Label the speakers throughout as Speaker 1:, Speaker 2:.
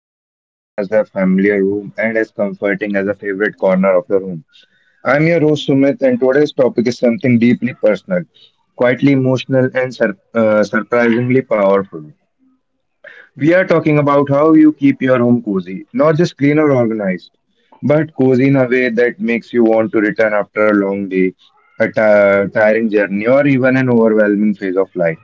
Speaker 1: feel as warm as the familiar room and as comforting as a favorite corner of the room. I'm your host, Sumit, and today's topic is something deeply personal, quietly emotional, and surprisingly powerful. We are talking about how you keep your home cozy, not just clean or organized, but cozy in a way that makes you want to return after a long day, a tiring journey, or even an overwhelming phase of life.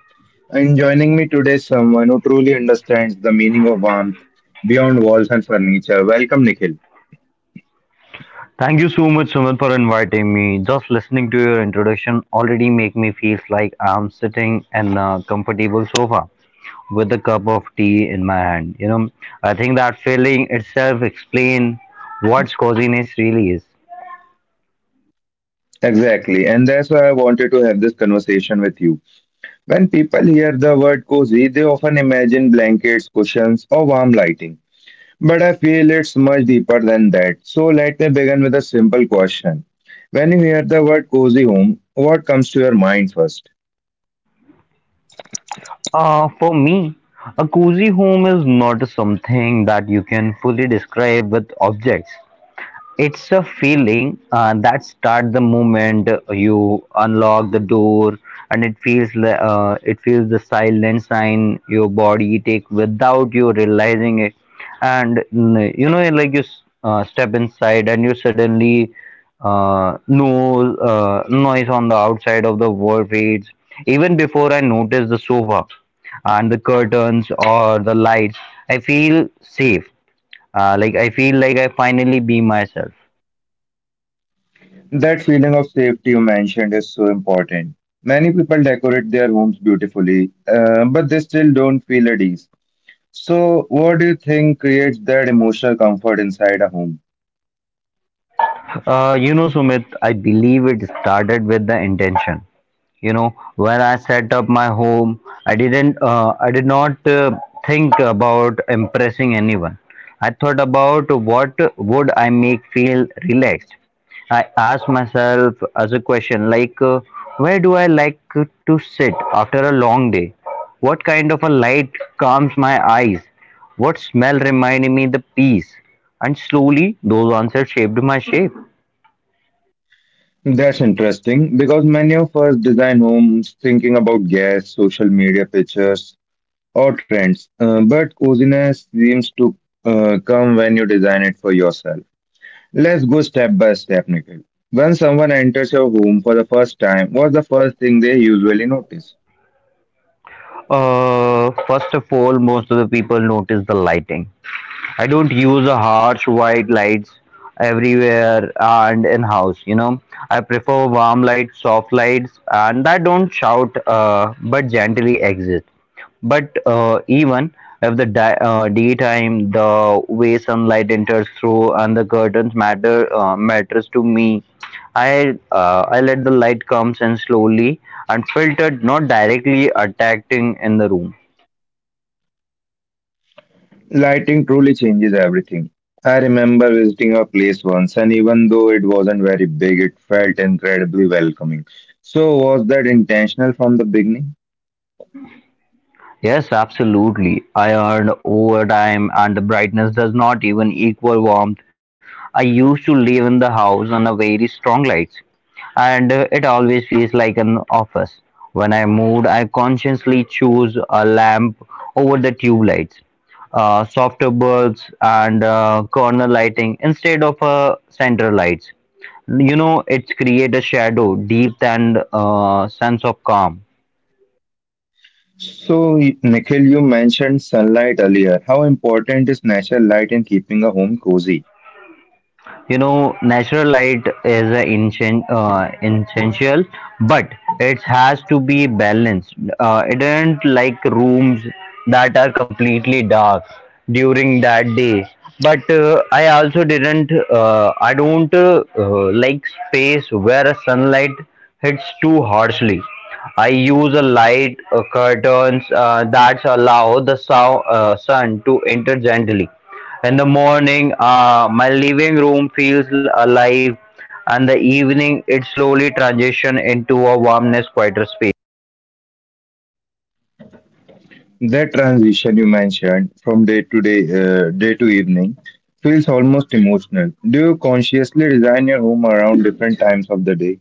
Speaker 1: And joining me today is someone who truly understands the meaning of warmth beyond walls and furniture. Welcome, Nikhil.
Speaker 2: Thank you so much, Sumit, for inviting me. Just listening to your introduction already make me feel like I'm sitting in a comfortable sofa with a cup of tea in my hand. You know, I think that feeling itself explain what coziness really is.
Speaker 1: Exactly, and that's why I wanted to have this conversation with you. When people hear the word cozy, they often imagine blankets, cushions, or warm lighting. But I feel it's much deeper than that. So let me begin with a simple question. When you hear the word cozy home, what comes to your mind first?
Speaker 2: For me, a cozy home is not something that you can fully describe with objects. It's a feeling that start the moment you unlock the door, and it feels the silent sign your body take without you realizing it, and you know like step inside and you suddenly no noise on the outside of the world fades. Even before I notice the sofa and the curtains or the lights, I feel safe. I feel like I finally be myself.
Speaker 1: That feeling of safety you mentioned is so important. Many people decorate their homes beautifully, but they still don't feel at ease. So, what do you think creates that emotional comfort inside a home?
Speaker 2: You know, Sumit, I believe it started with the intention. You know, when I set up my home, I did not think about impressing anyone. I thought about what would I make feel relaxed. I asked myself as a question like, where do I like to sit after a long day? What kind of a light calms my eyes? What smell reminded me the peace? And slowly, those answers shaped my shape.
Speaker 1: That's interesting because many of us design homes thinking about guests, social media pictures, or trends, but coziness seems to come when you design it for yourself. Let's go step by step, Nikhil. When someone enters your home for the first time, what's the first thing they usually notice?
Speaker 2: First of all, most of the people notice the lighting. I don't use a harsh white lights everywhere and in house. You know, I prefer warm lights, soft lights, and that don't shout but gently exist. But even if the daytime, the way sunlight enters through and the curtains matters to me. I let the light comes in slowly and filtered, not directly attacking in the room.
Speaker 1: Lighting truly changes everything. I remember visiting a place once, and even though it wasn't very big, it felt incredibly welcoming. So, was that intentional from the beginning?
Speaker 2: Yes, absolutely. I earned overtime and the brightness does not even equal warmth. I used to live in the house under very strong lights and it always feels like an office. When I moved, I consciously chose a lamp over the tube lights, softer bulbs and corner lighting instead of center lights. You know, it's create a shadow, deep and sense of calm.
Speaker 1: So, Nikhil, you mentioned sunlight earlier. How important is natural light in keeping a home cozy?
Speaker 2: You know, natural light is a essential, but it has to be balanced. It isn't like rooms that are completely dark during that day, but I also didn't I don't like space where a sunlight hits too harshly. I use a light curtains that allow the sun to enter gently. In the morning, my living room feels alive, and the evening it slowly transitions into a warmness quieter space.
Speaker 1: That transition you mentioned from day to evening, feels almost emotional. Do you consciously design your home around different times of the day?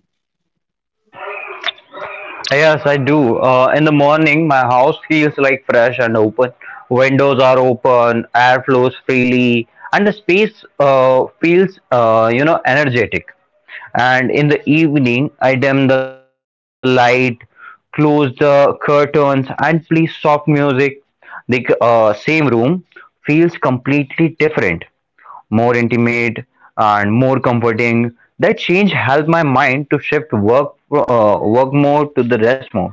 Speaker 2: Yes, I do. In the morning, my house feels like fresh and open. Windows are open, air flows freely, and the space feels, you know, energetic. And in the evening, I dim the light, close the curtains, and play soft music. The same room feels completely different, more intimate and more comforting. That change helped my mind to shift work mode to the rest mode.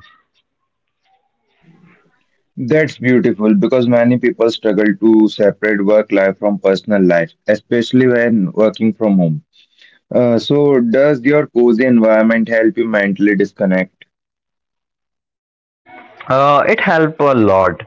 Speaker 1: That's beautiful because many people struggle to separate work life from personal life, especially when working from home. So, does your cozy environment help you mentally disconnect?
Speaker 2: It helped a lot.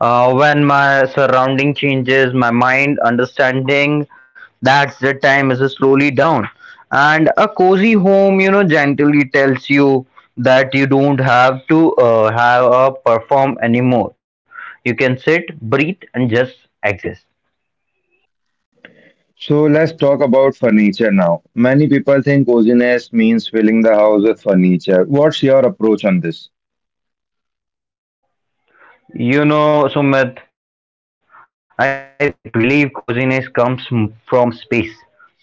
Speaker 2: When my surrounding changes, my mind understanding that the time is slowly down, and a cozy home, you know, gently tells you that you don't have to have a perform anymore. You can sit, breathe, and just exist.
Speaker 1: So, let's talk about furniture now. Many people think coziness means filling the house with furniture. What's your approach on this?
Speaker 2: You know, Sumit, I believe coziness comes from space, not a culture.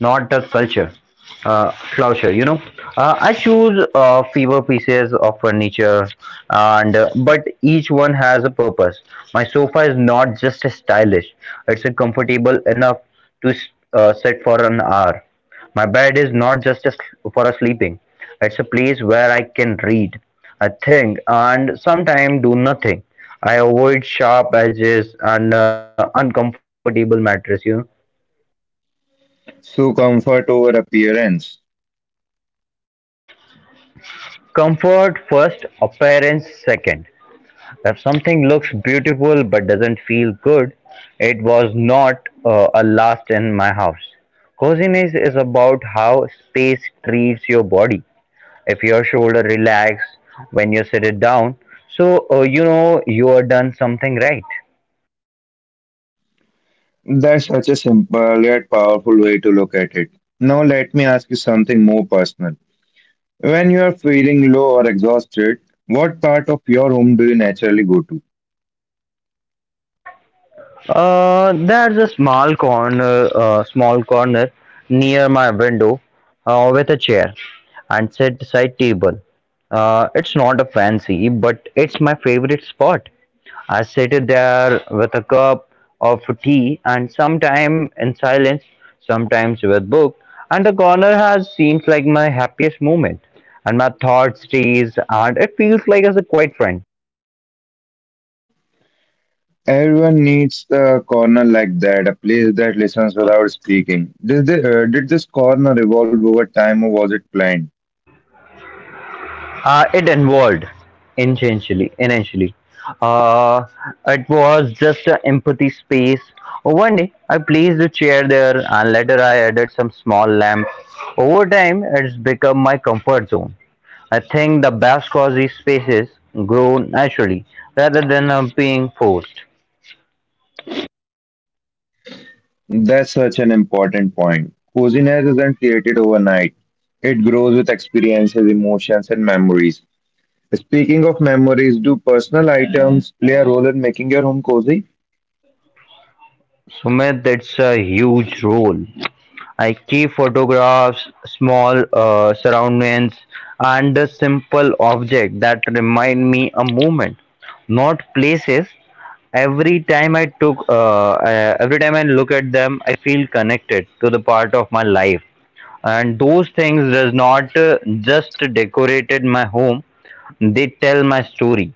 Speaker 2: Culture, you know. I choose fewer pieces of furniture, and but each one has a purpose. My sofa is not just stylish; it's a comfortable enough to sit for an hour. My bed is not just a for a sleeping. It's a place where I can read, I think, and sometimes do nothing. I avoid sharp edges and uncomfortable mattress. You know,
Speaker 1: So, comfort over appearance.
Speaker 2: comfort first, appearance second. If something looks beautiful but doesn't feel good, it was not a last in my house. Coziness is about how space treats your body. If your shoulder relax when you sit it down, so you know you are done something right.
Speaker 1: That's such a simple yet powerful way to look at it. Now, let me ask you something more personal. When you are feeling low or exhausted, what part of your home do you naturally go to?
Speaker 2: There's a small corner near my window, with a chair and set side table. It's not a fancy, but it's my favorite spot. I sit there with a cup of tea and sometime in silence, sometimes with book, and the corner has seems like my happiest moment, and my thoughts stays, and it feels like as a quiet friend.
Speaker 1: Everyone needs a corner like that, a place that listens without speaking. Did this corner evolve over time or was it planned?
Speaker 2: It involved essentially, initially. Uh, it was just an empathy space. Oh, one day, I placed a chair there, and later I added some small lamp. Over time, it's become my comfort zone. I think the best cozy spaces grow naturally rather than being forced.
Speaker 1: That's such an important point. Coziness isn't created overnight. It grows with experiences, emotions, and memories. Speaking of memories, do personal items play a role in making your home cozy?
Speaker 2: Sumit, that's a huge role. I keep photographs, small surroundings, and a simple object that remind me a moment, not places. Every time I look at them, I feel connected to the part of my life. And those things does not just decorated my home; they tell my story.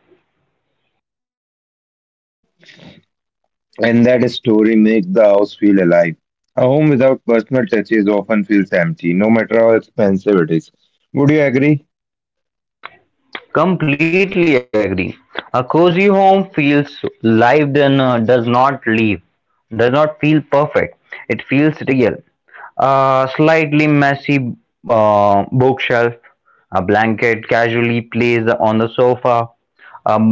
Speaker 1: And that story makes the house feel alive. A home without personal touches often feels empty, no matter how expensive it is. Would you agree?
Speaker 2: Completely agree. A cozy home feels live then does not leave, does not feel perfect. It feels real. A slightly messy bookshelf, a blanket casually placed on the sofa,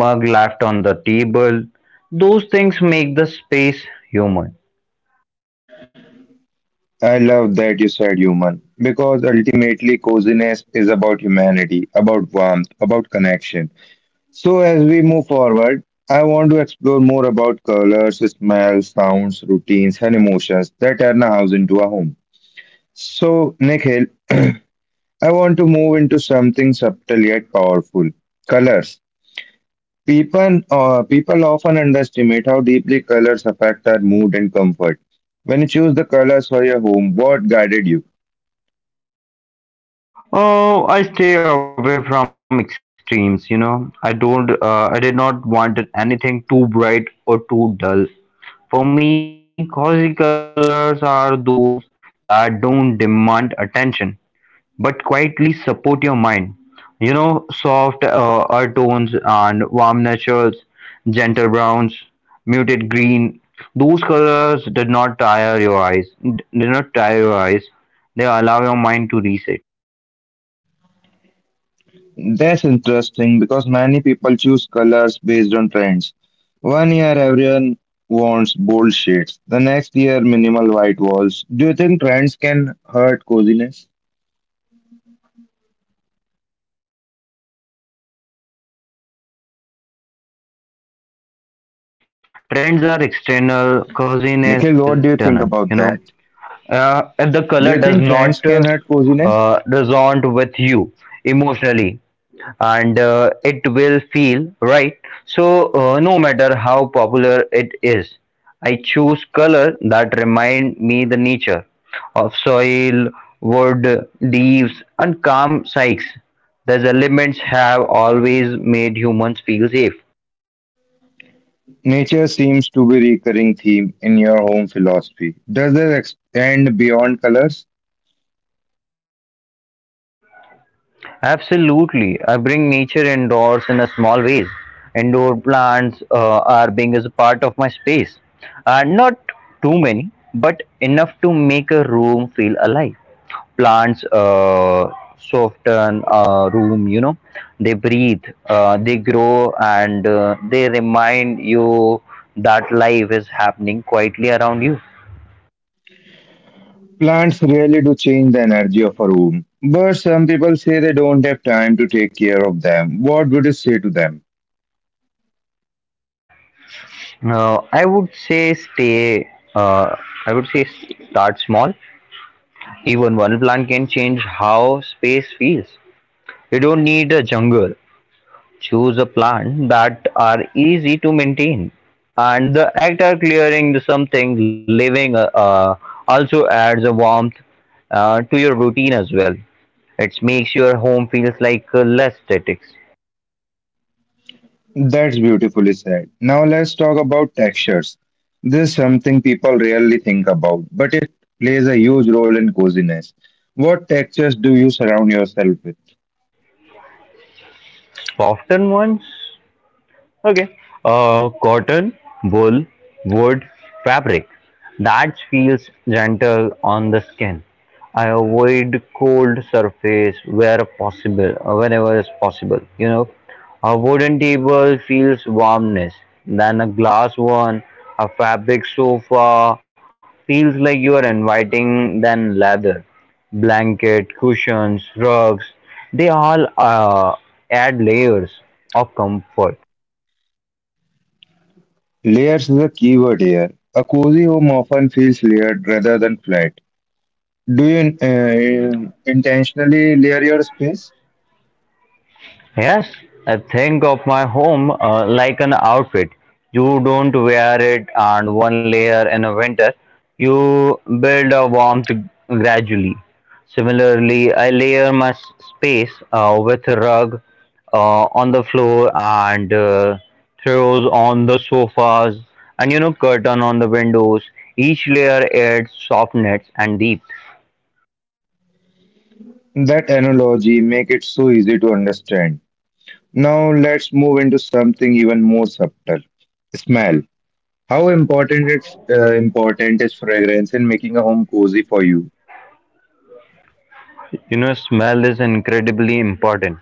Speaker 2: a mug left on the table. Those things make the space human.
Speaker 1: I love that you said human, because ultimately coziness is about humanity, about warmth, about connection. So as we move forward, I want to explore more about colors, smells, sounds, routines, and emotions that turn a house into a home. So, Nikhil, I want to move into something subtle yet powerful colors. People often underestimate how deeply colors affect our mood and comfort. When you choose the colors for your home, what guided you?
Speaker 2: Oh, I stay away from extremes, you know. I did not want anything too bright or too dull. For me, cozy colors are those that don't demand attention but quietly support your mind. You know, soft earth tones and warm naturals, gentle browns, muted green. Those colors did not tire your eyes. Did not tire your eyes. They allow your mind to reset.
Speaker 1: That's interesting because many people choose colors based on trends. One year, everyone wants bold shades. The next year, minimal white walls. Do you think trends can hurt coziness?
Speaker 2: They can if you follow them blindly. Trends are external, coziness is
Speaker 1: Nikhil,
Speaker 2: internal.
Speaker 1: what do you
Speaker 2: You
Speaker 1: think
Speaker 2: know,
Speaker 1: about that?
Speaker 2: if the color does
Speaker 1: Do you think
Speaker 2: not
Speaker 1: trends can hurt coziness?
Speaker 2: resonate with you emotionally, and it will feel right, so no matter how popular it is. I choose color that remind me the nature of soil, wood leaves and calm sights. These elements have always made humans feel safe.
Speaker 1: Nature seems to be recurring theme in your home philosophy. Does it extend beyond colors?
Speaker 2: Absolutely. I bring nature indoors in a small ways. Indoor plants are being as a part of my space. Not too many, but enough to make a room feel alive. Plants soften a room, you know. They breathe, they grow, and they remind you that life is happening quietly around you.
Speaker 1: Plants really do change the energy of a room, but some people say they don't have time to take care of them. What would you say to them?
Speaker 2: I would say stay. Uh, I would say start small. Even one plant can change how space feels. You don't need a jungle. Choose a plant that are easy to maintain. And the act of clearing something living also adds a warmth to your routine as well. It makes your home feels like less static.
Speaker 1: That's beautifully said. Now let's talk about textures. This is something people rarely think about, but it plays a huge role in coziness. What textures do you surround yourself with?
Speaker 2: Soften ones. Okay. Cotton, wool, wood, fabric. That feels gentle on the skin. I avoid cold surface where possible, whenever is possible. You know, a wooden table feels warmness than a glass one. A fabric sofa feels like you are inviting than leather. Blanket, cushions, rugs, they all add layers of comfort.
Speaker 1: Layers is a keyword here. A cozy home often feels layered rather than flat. Do you intentionally layer your space?
Speaker 2: Yes, I think of my home like an outfit. You don't wear it and one layer in a winter. You build a warmth gradually. Similarly, I layer my space with a rug on the floor and throws on the sofas and you know curtain on the windows. Each layer adds softness and depth.
Speaker 1: That analogy make it so easy to understand. Now let's move into something even more subtle. Smell. How important is fragrance in making a home cozy for you?
Speaker 2: You know, smell is incredibly important.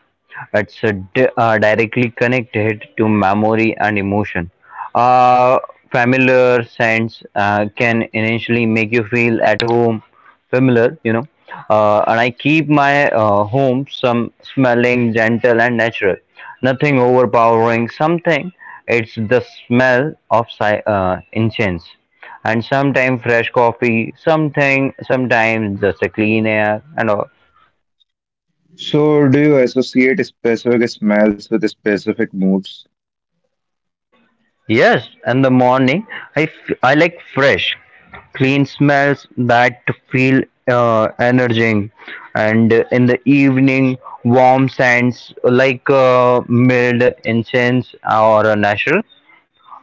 Speaker 2: It's directly connected to memory and emotion. Uh, familiar scents can initially make you feel at home, familiar, you know. And I keep my home some smelling gentle and natural, nothing overpowering. Something it's the smell of incense and sometimes fresh coffee, something sometimes just a clean air and all.
Speaker 1: So do you associate specific smells with specific moods?
Speaker 2: Yes, in the morning, I like fresh, clean smells that feel energizing, and in the evening, warm scents like mild incense or natural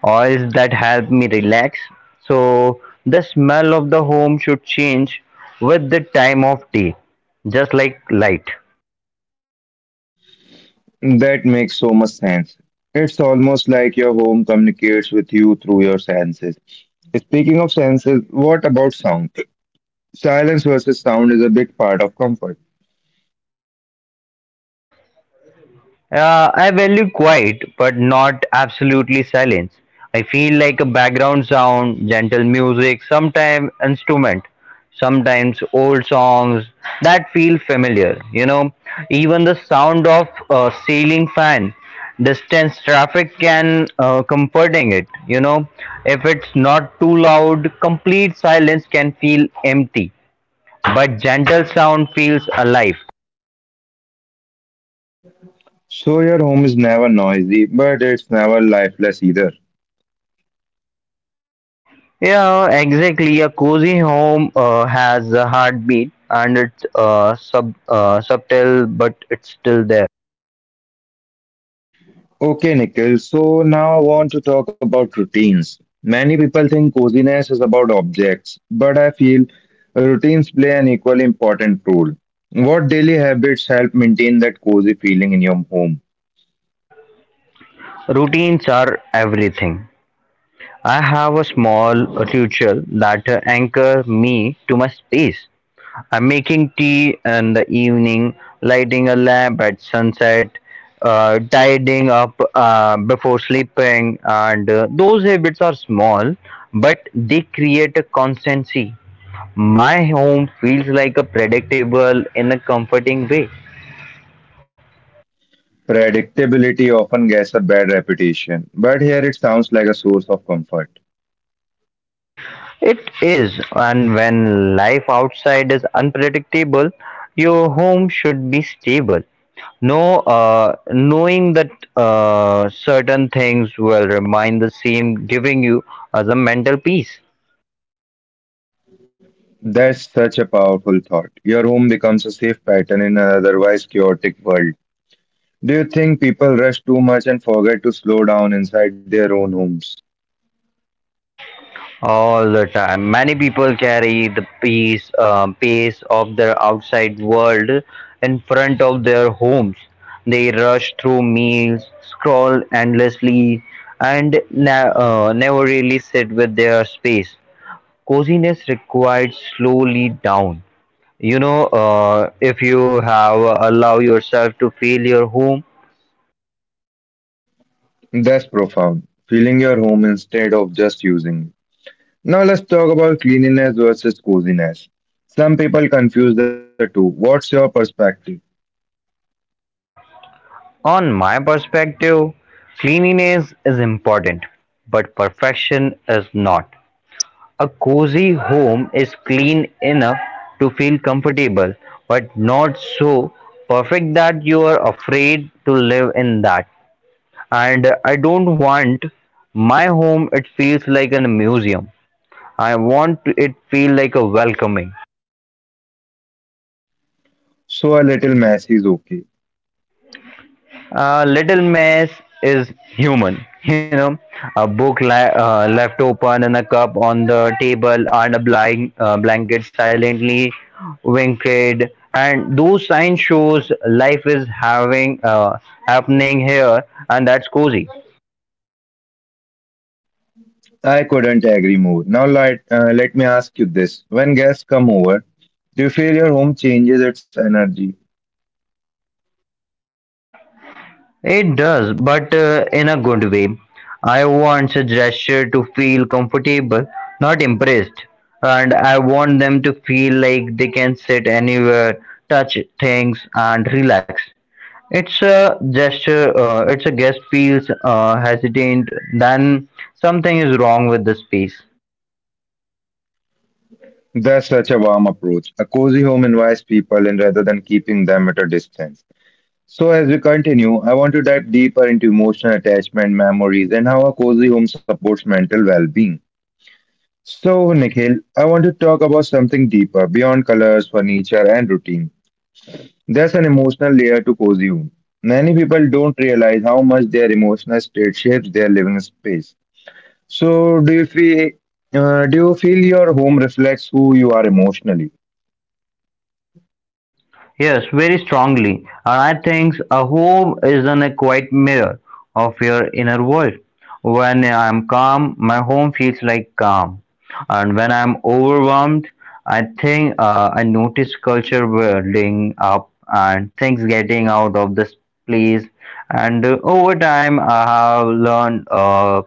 Speaker 2: oils that help me relax. So the smell of the home should change with the time of day, just like light.
Speaker 1: That makes so much sense. It's almost like your home communicates with you through your senses. Speaking of senses, what about sound? Silence versus sound is a big part of comfort.
Speaker 2: I value quiet, but not absolutely silence. I feel like a background sound, gentle music, sometimes instrument, sometimes old songs that feel familiar. You know, even the sound of a ceiling fan, distance traffic can comforting it. You know, if it's not too loud, complete silence can feel empty, but gentle sound feels alive.
Speaker 1: So your home is never noisy, but it's never lifeless either.
Speaker 2: Yeah, exactly. A cozy home has a heartbeat and it's subtle, but it's still there.
Speaker 1: Okay, Nikhil, so now I want to talk about routines. Many people think coziness is about objects, but I feel routines play an equally important role. What daily habits help maintain that cozy feeling in your home?
Speaker 2: Routines are everything. I have a small ritual that anchor me to my space. I'm making tea in the evening, lighting a lamp at sunset, tidying up before sleeping, and those habits are small, but they create a constancy. My home feels like a predictable in a comforting way.
Speaker 1: Predictability often gets a bad reputation, but here it sounds like a source of comfort.
Speaker 2: It is, and when life outside is unpredictable, your home should be stable. No, knowing that certain things will remain the same, giving you as a mental peace.
Speaker 1: That's such a powerful thought. Your home becomes a safe pattern in an otherwise chaotic world. Do you think people rush too much and forget to slow down inside their own homes?
Speaker 2: All the time. Many people carry the pace, pace of their outside world in front of their homes. They rush through meals, scroll endlessly, and never really sit with their space. Coziness required slowly down. You know, if you have allow yourself to feel your home,
Speaker 1: That's profound. Feeling your home instead of just using it. Now let's talk about cleanliness versus coziness. Some people confuse the two. What's your perspective?
Speaker 2: on my perspective, cleanliness is important, but perfection is not. A cozy home is clean enough to feel comfortable, but not so perfect that you are afraid to live in that. And I don't want my home it feels like a museum. I want it feel like a welcoming.
Speaker 1: So a little mess is okay.
Speaker 2: Little Miss is human. You know, a left open and a cup on the table and a blanket silently winked. And those signs shows life is having happening here, and that's cozy.
Speaker 1: I couldn't agree more. Now let me ask you this. When guests come over, do you feel your home changes its energy?
Speaker 2: It does, but in a good way. I want a gesture to feel comfortable, not impressed. And I want them to feel like they can sit anywhere, touch things, and relax. It's a gesture, it's a guest feels hesitant, then something is wrong with the space.
Speaker 1: That's such a warm approach. A cozy home invites people in rather than keeping them at a distance. So, as we continue, I want to dive deeper into emotional attachment, memories, and how a cozy home supports mental well being. So, Nikhil, I want to talk about something deeper beyond colors, furniture, and routine. There's an emotional layer to cozy home. Many people don't realize how much their emotional state shapes their living space. So, do you feel your home reflects who you are emotionally?
Speaker 2: Yes, very strongly. And I think a home is a quiet mirror of your inner world. When I am calm, my home feels like calm. And when I am overwhelmed, I think I notice culture building up and things getting out of this place. And over time, I have learned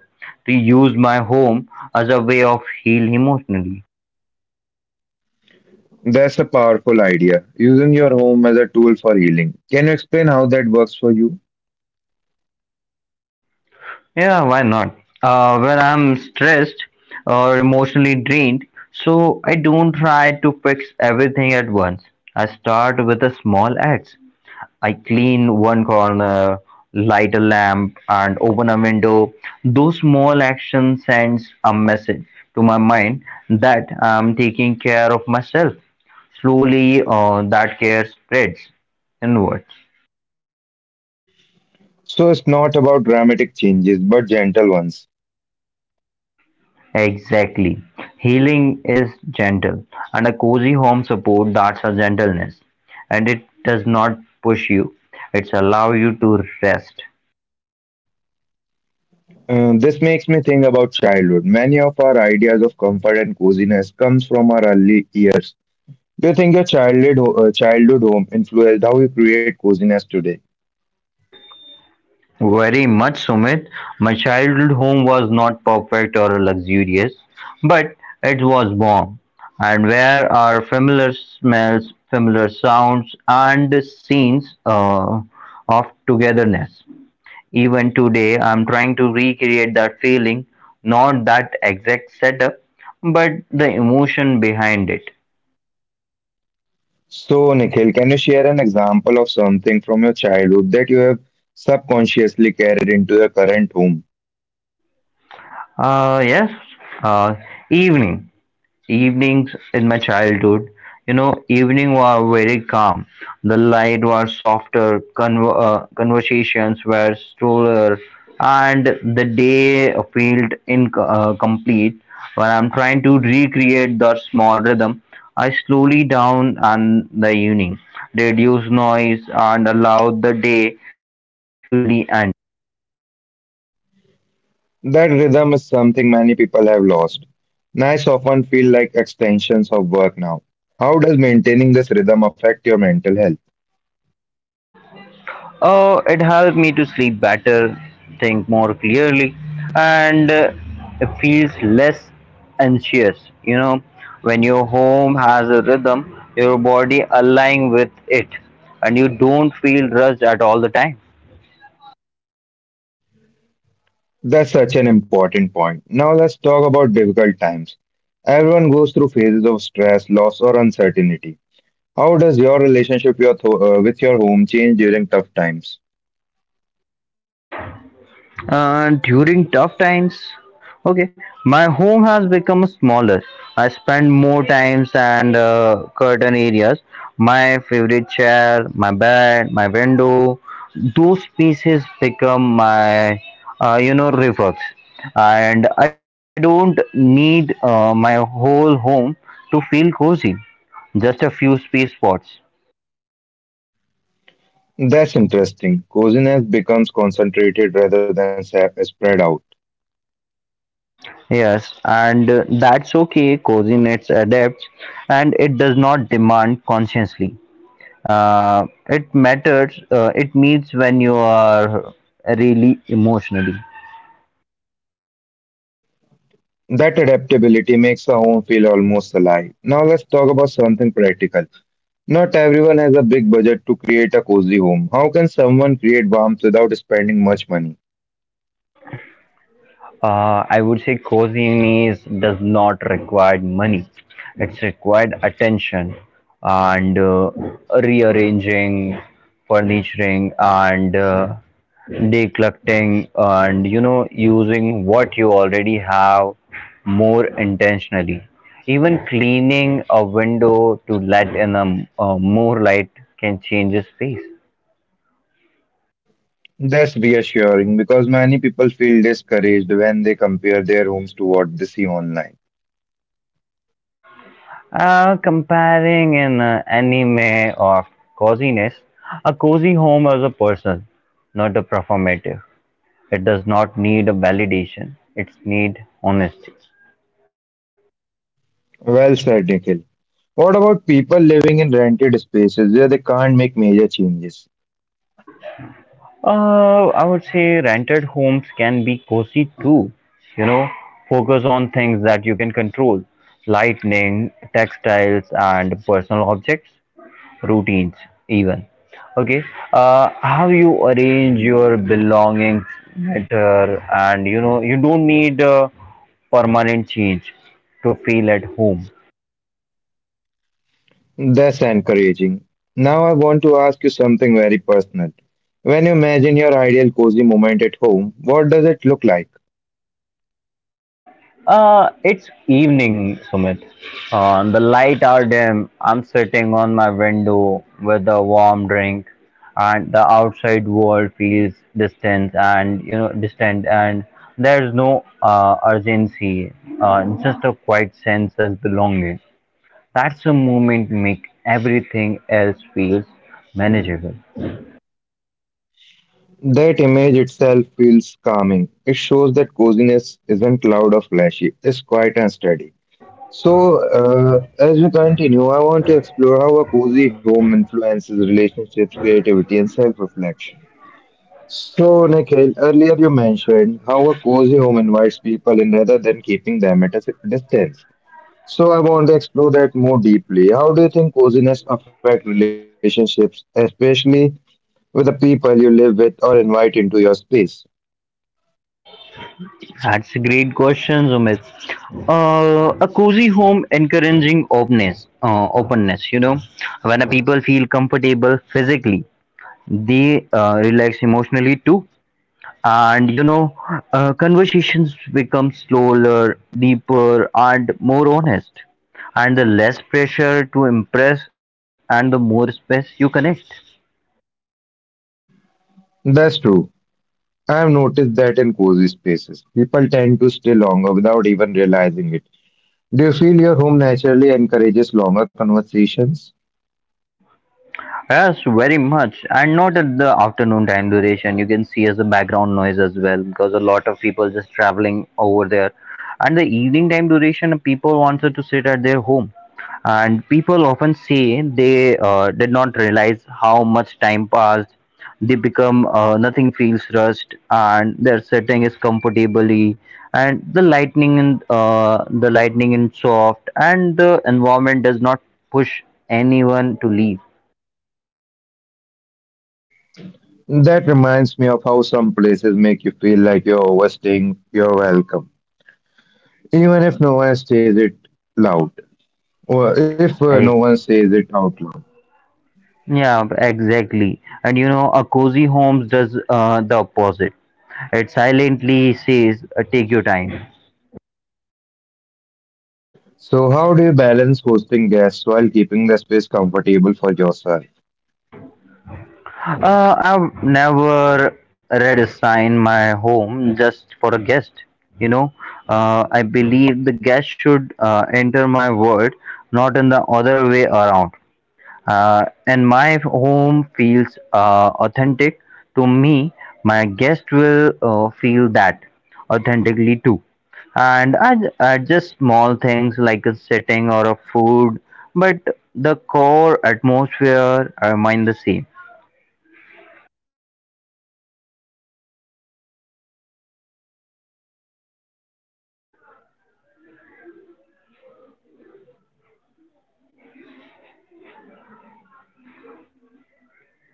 Speaker 2: to use my home as a way of heal emotionally.
Speaker 1: That's a powerful idea, using your home as a tool for healing. Can you explain how that works for you?
Speaker 2: Yeah, why not? When I'm stressed or emotionally drained, so I don't try to fix everything at once. I start with a small act. I clean one corner, light a lamp, and open a window. Those small actions sends a message to my mind that I'm taking care of myself. Slowly, that care spreads inwards.
Speaker 1: So, it's not about dramatic changes, but gentle ones.
Speaker 2: Exactly. Healing is gentle, and a cozy home support that's a gentleness. And it does not push you, it's allow you to rest.
Speaker 1: This makes me think about childhood. Many of our ideas of comfort and coziness comes from our early years. Do you think your childhood, childhood home influenced how you create coziness today?
Speaker 2: Very much, Sumit. My childhood home was not perfect or luxurious, but it was warm. And where are familiar smells, familiar sounds, and scenes of togetherness. Even today, I'm trying to recreate that feeling, not that exact setup, but the emotion behind it.
Speaker 1: So, Nikhil, can you share an example of something from your childhood that you have subconsciously carried into your current home?
Speaker 2: Yes, uh, evening. Evenings in my childhood, you know, evening were very calm. The light was softer, conversations were slower, and the day felt incomplete. When I'm trying to recreate that small rhythm, I slowly down on the evening, reduce noise, and allow the day to gently end.
Speaker 1: That rhythm is something many people have lost. Nights often feel like extensions of work now. How does maintaining this rhythm affect your mental health?
Speaker 2: Oh, it helped me to sleep better, think more clearly, and it feels less anxious. You know, when your home has a rhythm, your body align with it, and you don't feel rushed at all the time.
Speaker 1: That's such an important point. Now let's talk about difficult times. Everyone goes through phases of stress, loss, or uncertainty. How does your relationship with your home change during tough times?
Speaker 2: During tough times, okay, my home has become smaller. I spend more times and curtain areas. My favorite chair, my bed, my window, those spaces become my, you know, reflex. And I don't need my whole home to feel cozy. Just a few space spots.
Speaker 1: That's interesting. Coziness becomes concentrated rather than spread out.
Speaker 2: Yes, and that's okay. Coordinates adapts, and it does not demand consciously. It matters. It means when you are really emotionally.
Speaker 1: That adaptability makes our home feel almost alive. Now let's talk about something practical. Not everyone has a big budget to create a cozy home. How can someone create warmth without spending much money?
Speaker 2: I would say coziness does not require money. It's required attention and rearranging, furnishing, and decluttering, and you know, using what you already have more intentionally. Even cleaning a window to let in a more light can change a space.
Speaker 1: That's reassuring because many people feel discouraged when they compare their homes to what they see online.
Speaker 2: Comparing an anime of coziness, a cozy home is a person, not a performative. It does not need a validation. It needs honesty.
Speaker 1: Well said, Nikhil. What about people living in rented spaces where they can't make major changes?
Speaker 2: I would say rented homes can be cozy too. You know, focus on things that you can control, lightning, textiles, and personal objects. Routines even okay how you arrange your belongings better and you know you don't need a permanent change to feel at home.
Speaker 1: That's encouraging. Now I want to ask you something very personal. When you imagine your ideal cozy moment at home, what does it look like?
Speaker 2: It's evening, Sumit. The light are dim, I'm sitting on my window with a warm drink and the outside world feels distant and you know distant and there's no urgency, uh, just a quiet sense of belonging. That's a movement make everything else feels manageable.
Speaker 1: That image itself feels calming. It shows that coziness isn't loud or flashy, it's quiet and steady. So, as we continue, I want to explore how a cozy home influences relationships, creativity, and self reflection. So, Nikhil, earlier you mentioned how a cozy home invites people in rather than keeping them at a distance. So I want to explore that more deeply. How do you think coziness affect relationships, especially with the people you live with or invite into your space?
Speaker 2: That's a great question, Sumit. A cozy home encouraging openness. You know, when a people feel comfortable physically, they relax emotionally too. And you know, conversations become slower, deeper, and more honest. And the less pressure to impress, and the more space you connect.
Speaker 1: That's true. I have noticed that in cozy spaces, people tend to stay longer without even realizing it. Do you feel your home naturally encourages longer conversations?
Speaker 2: Yes, very much. And not at the afternoon time duration. You can see as a background noise as well because a lot of people just traveling over there. And the evening time duration, people wanted to sit at their home. And people often say they did not realize how much time passed. They become nothing feels rushed, and their setting is comfortably. And the lightning and the lightning is soft, and the environment does not push anyone to leave.
Speaker 1: That reminds me of how some places make you feel like you're overstaying your welcome, even if no one says it loud, or if no
Speaker 2: Like,
Speaker 1: one says it out loud.
Speaker 2: yeah, exactly. And you know, a cozy homes does the opposite. It silently says, "Take your time."
Speaker 1: So, how do you balance hosting guests while keeping the space comfortable for yourself?
Speaker 2: I've never read a sign my home just for a guest. You know, I believe the guest should enter my world, not in the other way around. And my home feels authentic to me, my guest will feel that authentically too. And I just small things like a setting or a food, but the core atmosphere remain the same.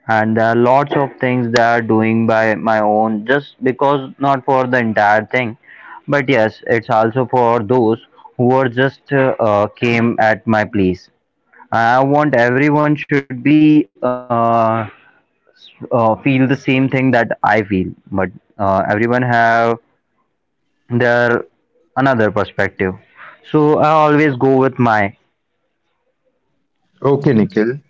Speaker 2: And there are lots of things that are doing by my own, just because not for the entire thing, but yes, it's also for those who are just came at my place. I want everyone should be feel the same thing that I feel, but everyone have their another perspective. So I always go with my.
Speaker 1: Okay, Nikhil.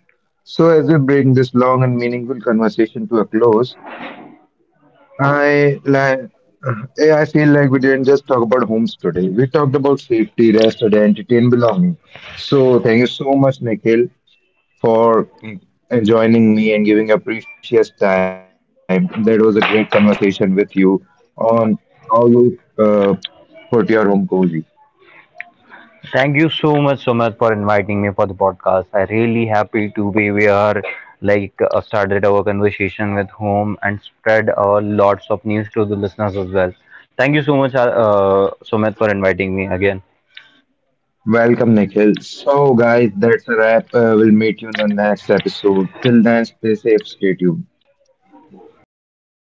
Speaker 1: So, as we bring this long and meaningful conversation to a close, I like I feel like we didn't just talk about homes today. We talked about safety, rest, identity, and belonging. So, thank you so much, Nikhil, for joining me and giving your precious time. That was a great conversation with you on how you put your home cozy.
Speaker 2: Thank you so much, so much for inviting me for the podcast. I really happy to be here. Like started our conversation with whom and spread lots of news to the listeners as well. Thank you so much, Sumit, for inviting me again.
Speaker 1: Welcome, Nikhil. So, guys, that's a wrap. We'll meet you in the next episode. Till then, stay safe, stay tuned.